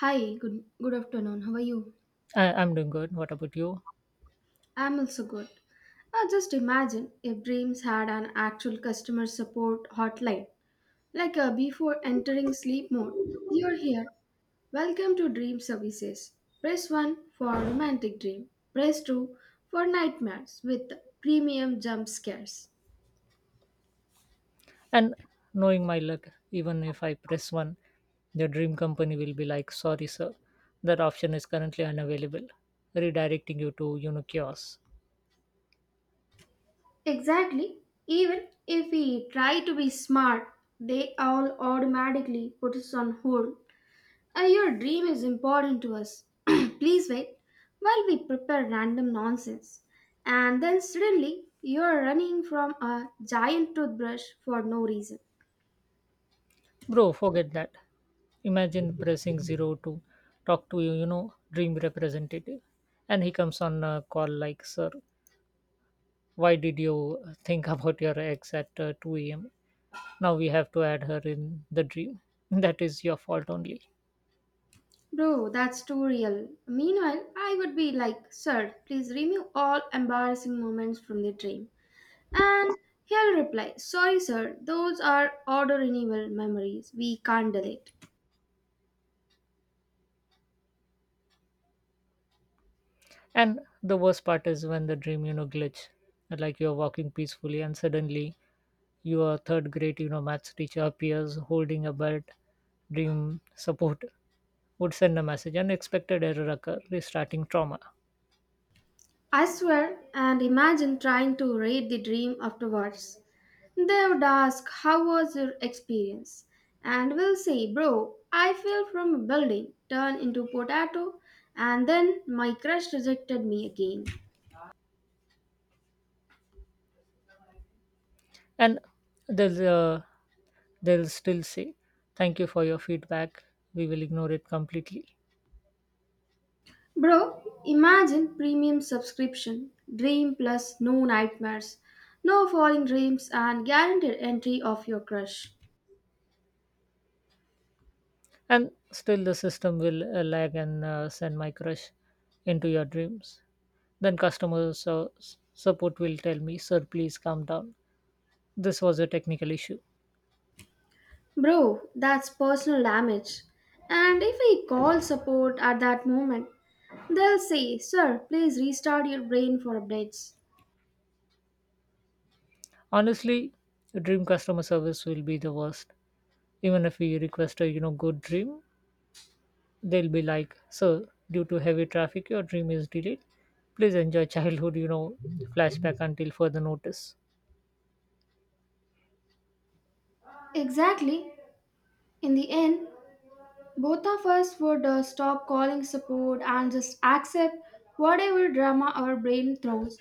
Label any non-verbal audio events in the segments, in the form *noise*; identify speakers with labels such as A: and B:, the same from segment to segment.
A: Hi, good afternoon. How are you?
B: I'm doing good. What about you?
A: I'm also good. Just imagine if Dreams had an actual customer support hotline, like a before entering sleep mode. You're here. Welcome to Dream Services. Press 1 for romantic dream. Press 2 for nightmares with premium jump scares.
B: And knowing my luck, even if I press one, the dream company will be like, sorry, sir, that option is currently unavailable, redirecting you to chaos.
A: Exactly. Even if we try to be smart, they all automatically put us on hold. Your dream is important to us. *clears throat* Please wait while we prepare random nonsense. And then suddenly you're running from a giant toothbrush for no reason.
B: Bro, forget that. Imagine pressing zero to talk to dream representative. And he comes on a call like, sir, why did you think *laughs* about your ex at 2 a.m.? Now we have to add her in the dream. *laughs* That is your fault only.
A: Bro, that's too real. Meanwhile, I would be like, Sir, please remove all embarrassing moments from the dream. And he'll reply, Sorry, sir, those are order enable memories. We can't delete.
B: And the worst part is when the dream glitch, like you're walking peacefully and suddenly your third grade maths teacher appears holding a belt. Dream support would send a message, unexpected error occur, restarting trauma.
A: I swear, and imagine trying to read the dream afterwards. They would ask, How was your experience? And we'll say, Bro, I fell from a building, turned into potato, and then my crush rejected me again.
B: And there's a they'll still say, thank you for your feedback. We will ignore it completely.
A: Bro, imagine premium subscription, dream plus no nightmares, no falling dreams, and guaranteed entry of your crush.
B: And still, the system will lag and send my crush into your dreams. Then, support will tell me, sir, please calm down. This was a technical issue.
A: Bro, that's personal damage. And if we call support at that moment, they'll say, Sir, please restart your brain for updates.
B: Honestly, dream customer service will be the worst. Even if we request a good dream, they'll be like, sir, due to heavy traffic, your dream is delayed. Please enjoy childhood flashback until further notice.
A: Exactly. In the end, both of us would stop calling support and just accept whatever drama our brain throws.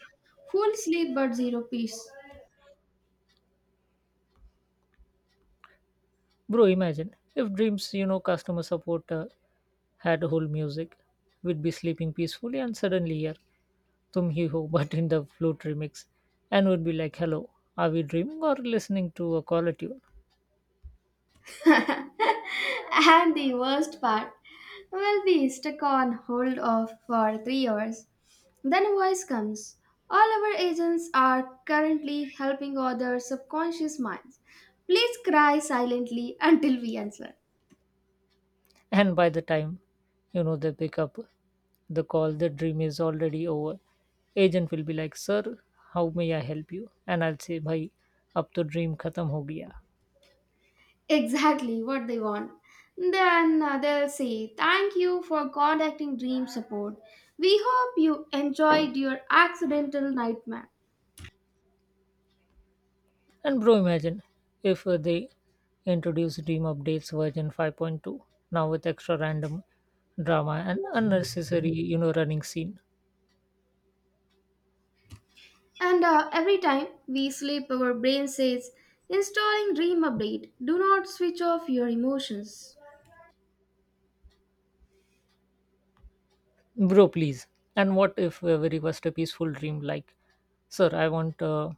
A: Full sleep but zero peace.
B: Bro, imagine if Dreams customer support had whole music, we'd be sleeping peacefully and suddenly here, Tum Hi Ho, *laughs* but in the flute remix, and would be like, hello, are we dreaming or listening to a caller tune?
A: *laughs* And the worst part, we'll be stuck on hold off for 3 hours. Then a voice comes. All our agents are currently helping other subconscious minds. Please cry silently until we answer.
B: *laughs* And by the time they pick up the call, the dream is already over. Agent will be like, sir, how may I help you? And I'll say, bhai, ab to dream khatam ho gaya.
A: Exactly what they want. Then they'll say, Thank you for contacting Dream Support. We hope you enjoyed your accidental nightmare.
B: And bro, imagine if they introduce Dream Updates version 5.2, now with extra random drama and unnecessary running scene.
A: And every time we sleep, our brain says, installing Dream Update, do not switch off your emotions.
B: Bro, please. And what if we request a peaceful dream like, sir, I want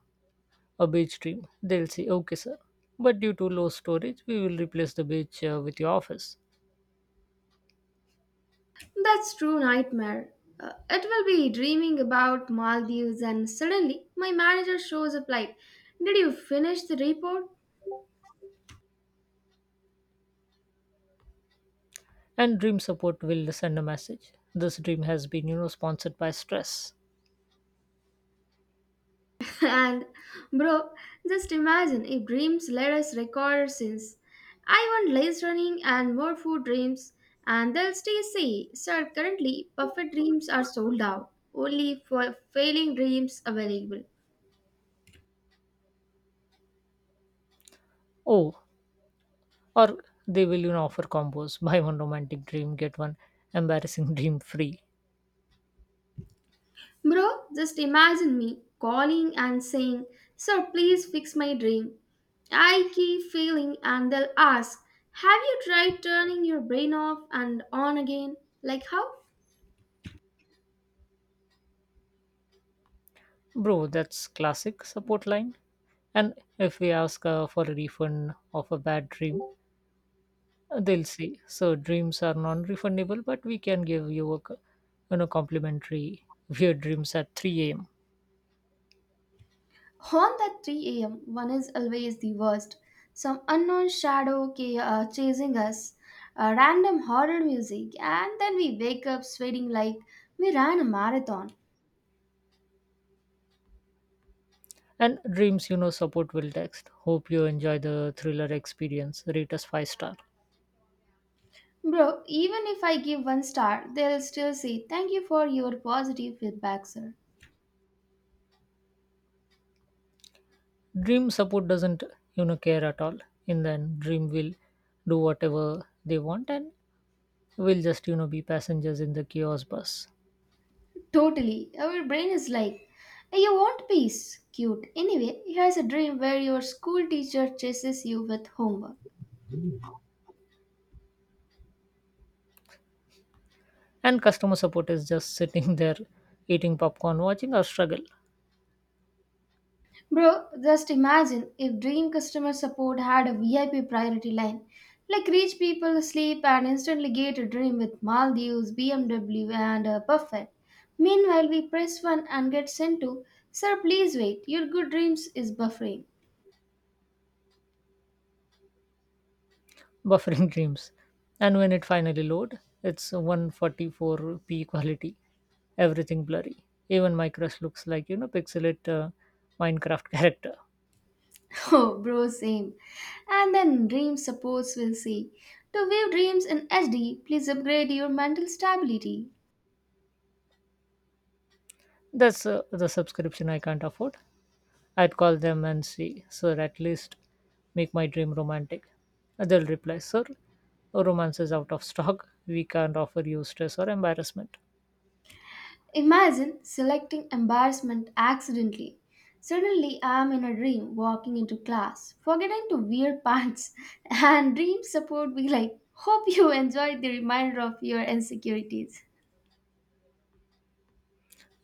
B: a beach dream? They'll say, okay, sir. But due to low storage, we will replace the beach with your office.
A: That's true nightmare. It will be dreaming about Maldives, and suddenly my manager shows up like, Did you finish the report?
B: And dream support will send a message. This dream has been sponsored by stress.
A: *laughs* And bro, just imagine if dreams let us record since I want less running and more food dreams, and they'll stay say, sir currently perfect dreams are sold out. Only for failing dreams available.
B: Oh, or they will offer combos *laughs* buy one romantic dream, get one embarrassing *laughs* dream free.
A: Bro, just imagine me calling and saying, Sir, please fix my dream. I keep failing and they'll ask, Have you tried turning your brain off and on again? Like how?
B: Bro, that's classic support line. And if we ask for a refund of a bad dream, they'll say so dreams are non-refundable, but we can give you a complimentary weird dreams at 3 a.m.
A: On that 3 a.m., one is always the worst. Some unknown shadow chasing us, random horror music, and then we wake up sweating like we ran a marathon.
B: And dreams, support will text, hope you enjoy the thriller experience, rate us five star.
A: Bro, even if I give one star, they'll still say, Thank you for your positive feedback, sir.
B: Dream support doesn't care at all. And then dream will do whatever they want and will just be passengers in the chaos bus.
A: Totally. Our brain is like, You want peace? Cute. Anyway, here's a dream where your school teacher chases you with homework.
B: And customer support is just sitting *laughs* there eating popcorn watching our struggle.
A: Bro, just imagine if Dream customer support had a VIP priority line. Like, rich people sleep and instantly get a dream with Maldives, BMW, and a buffet. Meanwhile, we press one and get sent to, Sir, please wait, your good dreams is buffering.
B: *laughs* Buffering dreams, and when it finally load, it's 144p quality, everything blurry, even my crush looks like pixelate minecraft *laughs* character.
A: *laughs* Oh, bro, same. And then Dream supports will say, To view dreams in HD, please upgrade your mental stability.
B: That's the subscription I can't afford. I'd call them and see, sir, at least make my dream romantic. They'll reply, sir, romance is out of stock. We can't offer you stress or embarrassment.
A: Imagine selecting embarrassment accidentally. Suddenly, I am in a dream walking into class, forgetting to wear pants, *laughs* and dream support be like, Hope you enjoyed the reminder of your insecurities.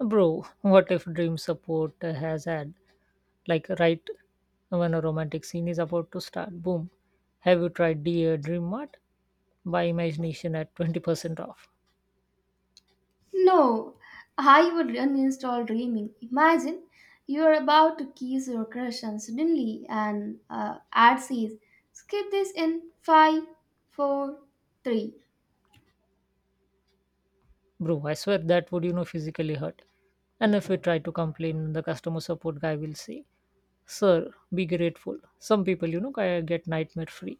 B: Bro, what if dream support has had? Like, right when a romantic scene is about to start, boom. Have you tried Dear Dream Mart? By imagination at 20% off.
A: No, I would uninstall dreaming. Imagine you are about to kiss your crush, and suddenly an ad says, Skip this in five, four, three."
B: Bro, I swear that would, physically hurt. And if we try to complain, the customer support guy will say, sir, be grateful. Some people, get nightmare free.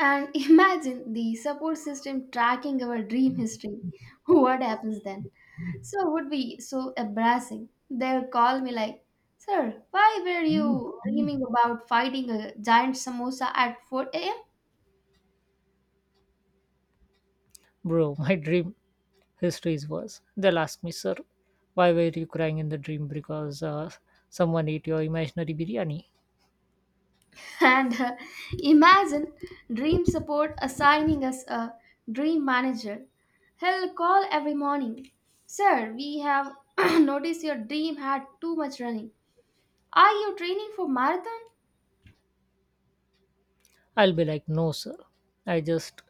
A: And *laughs* imagine the support system tracking our dream history. *laughs* What happens then? So it would be so embarrassing. They'll call me like, Sir, why were you dreaming about fighting a giant samosa at 4 a.m.?
B: Bro, *laughs* my dream history is worse. They'll ask me, sir, why were you crying in the dream because someone ate your imaginary biryani?
A: *laughs* And imagine Dream Support assigning us a dream manager. He'll call every morning. Sir, we have *clears throat* noticed your dream had too much running. Are you training for marathon?
B: I'll be like, no, sir. I just,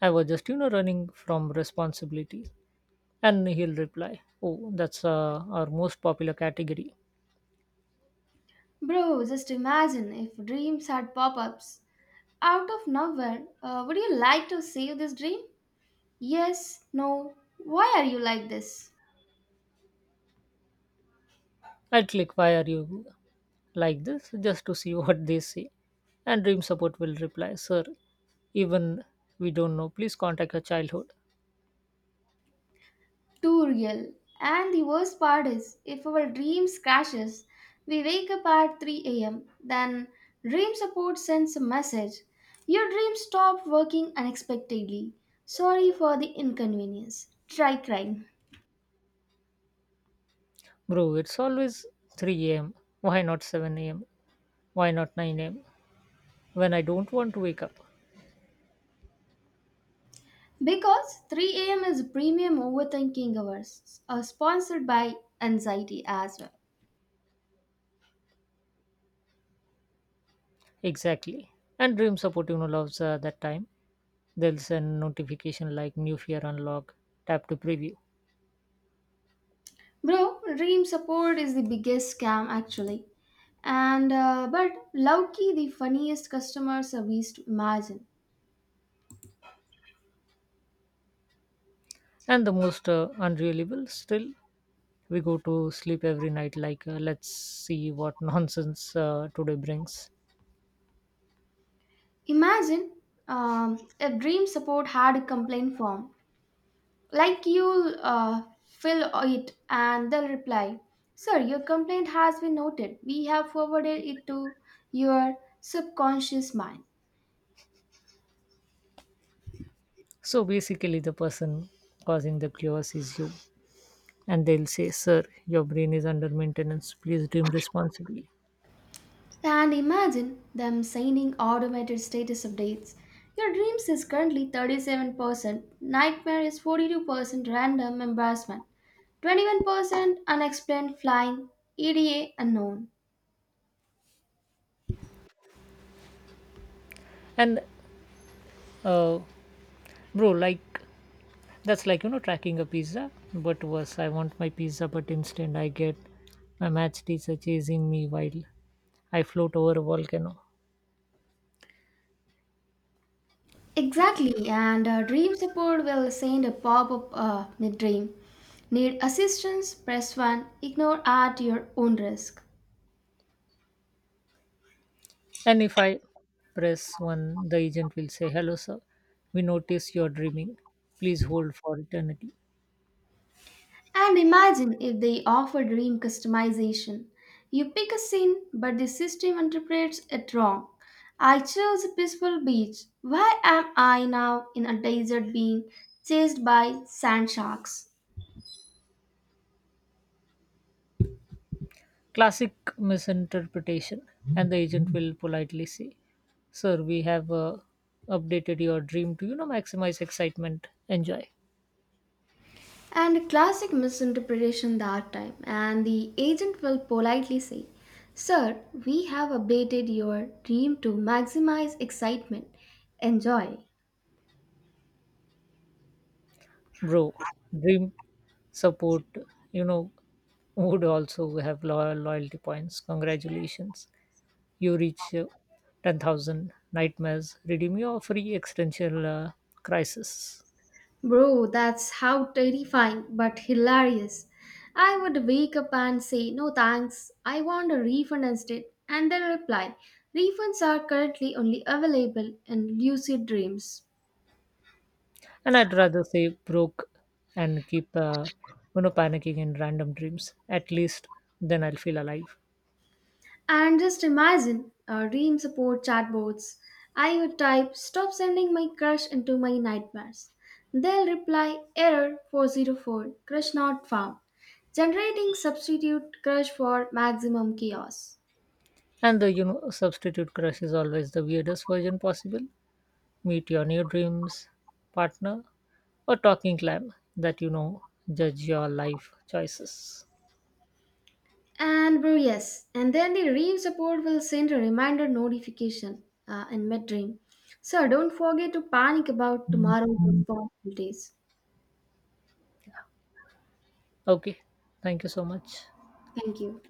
B: I was just, running from responsibilities. And he'll reply, oh, that's our most popular category.
A: Bro, just imagine if dreams had pop ups. Out of nowhere, would you like to save this dream? Yes, no. Why are you like this?
B: I click why are you like this just to see *laughs* what they say. And Dream Support will reply, sir, even we don't know, please contact your childhood.
A: Too real. And the worst part is, if our dreams crashes, we wake up at 3 a.m. Then dream support sends a message. Your dream stopped working unexpectedly. Sorry for the inconvenience. Try crying.
B: Bro, it's always 3 a.m. Why not 7 a.m.? Why not 9 a.m.? When I don't want to wake up.
A: Because 3 a.m. is premium overthinking hours, are sponsored by anxiety as well.
B: Exactly. And Dream Support, loves that time. They'll send notification like new fear unlock, tap to preview.
A: Bro, dream support is the biggest scam actually. And but Lowkey, the funniest customer service to imagine.
B: And the most unreliable still, we go to sleep every night, like, let's see what *laughs* nonsense today brings.
A: Imagine if dream support had a complaint form. Like you'll fill it and they'll reply, Sir, your complaint has been noted. We have forwarded it to your subconscious mind.
B: So basically, the person causing the chaos is you. And they'll say, sir, your brain is under maintenance. Please dream responsibly.
A: And imagine them signing automated status updates. Your dreams is currently 37%, nightmare is 42% random embarrassment, 21% unexplained flying, EDA unknown.
B: And, uh, bro, like, that's like, you know, tracking a pizza, but worse. I want my pizza, but instead I get my match teacher chasing me while I float over a volcano.
A: Exactly, and dream support will send a pop up mid dream. Need assistance? Press 1. Ignore at your own risk.
B: And if I press one, the agent will say, hello, sir. We notice you're dreaming. Please hold for eternity.
A: And imagine if they offer dream customization. You pick a scene, but the system interprets it wrong. I chose a peaceful beach. Why am I now in a desert being chased by sand sharks?
B: Classic misinterpretation. And the agent will politely say, sir, we have updated your dream to, maximize excitement. Enjoy.
A: And a classic misinterpretation that time. And the agent will politely say, Sir, we have updated your dream to maximize excitement. Enjoy.
B: Bro, dream support, you know, would also have loyalty points. Congratulations. You reach 10,000 nightmares. Redeem your free existential crisis.
A: Bro, that's how terrifying but hilarious. I would wake up and say, No thanks, I want a refund instead, and then reply, Refunds are currently only available in Lucid Dreams.
B: And I'd rather say broke and keep, panicking in random dreams. At least then I'll feel alive.
A: And just imagine our dream support chatbots. I would type, Stop sending my crush into my nightmares. They'll reply, Error 404, crush not found, generating substitute crush for maximum chaos.
B: And the, substitute crush is always the weirdest version possible. Meet your new dreams partner or talking clam that, judge your life choices.
A: And bro, yes. And then the Reeve support will send a reminder notification in mid-dream. So don't forget to panic about tomorrow's responsibilities.
B: Okay. Thank you so much.
A: Thank you.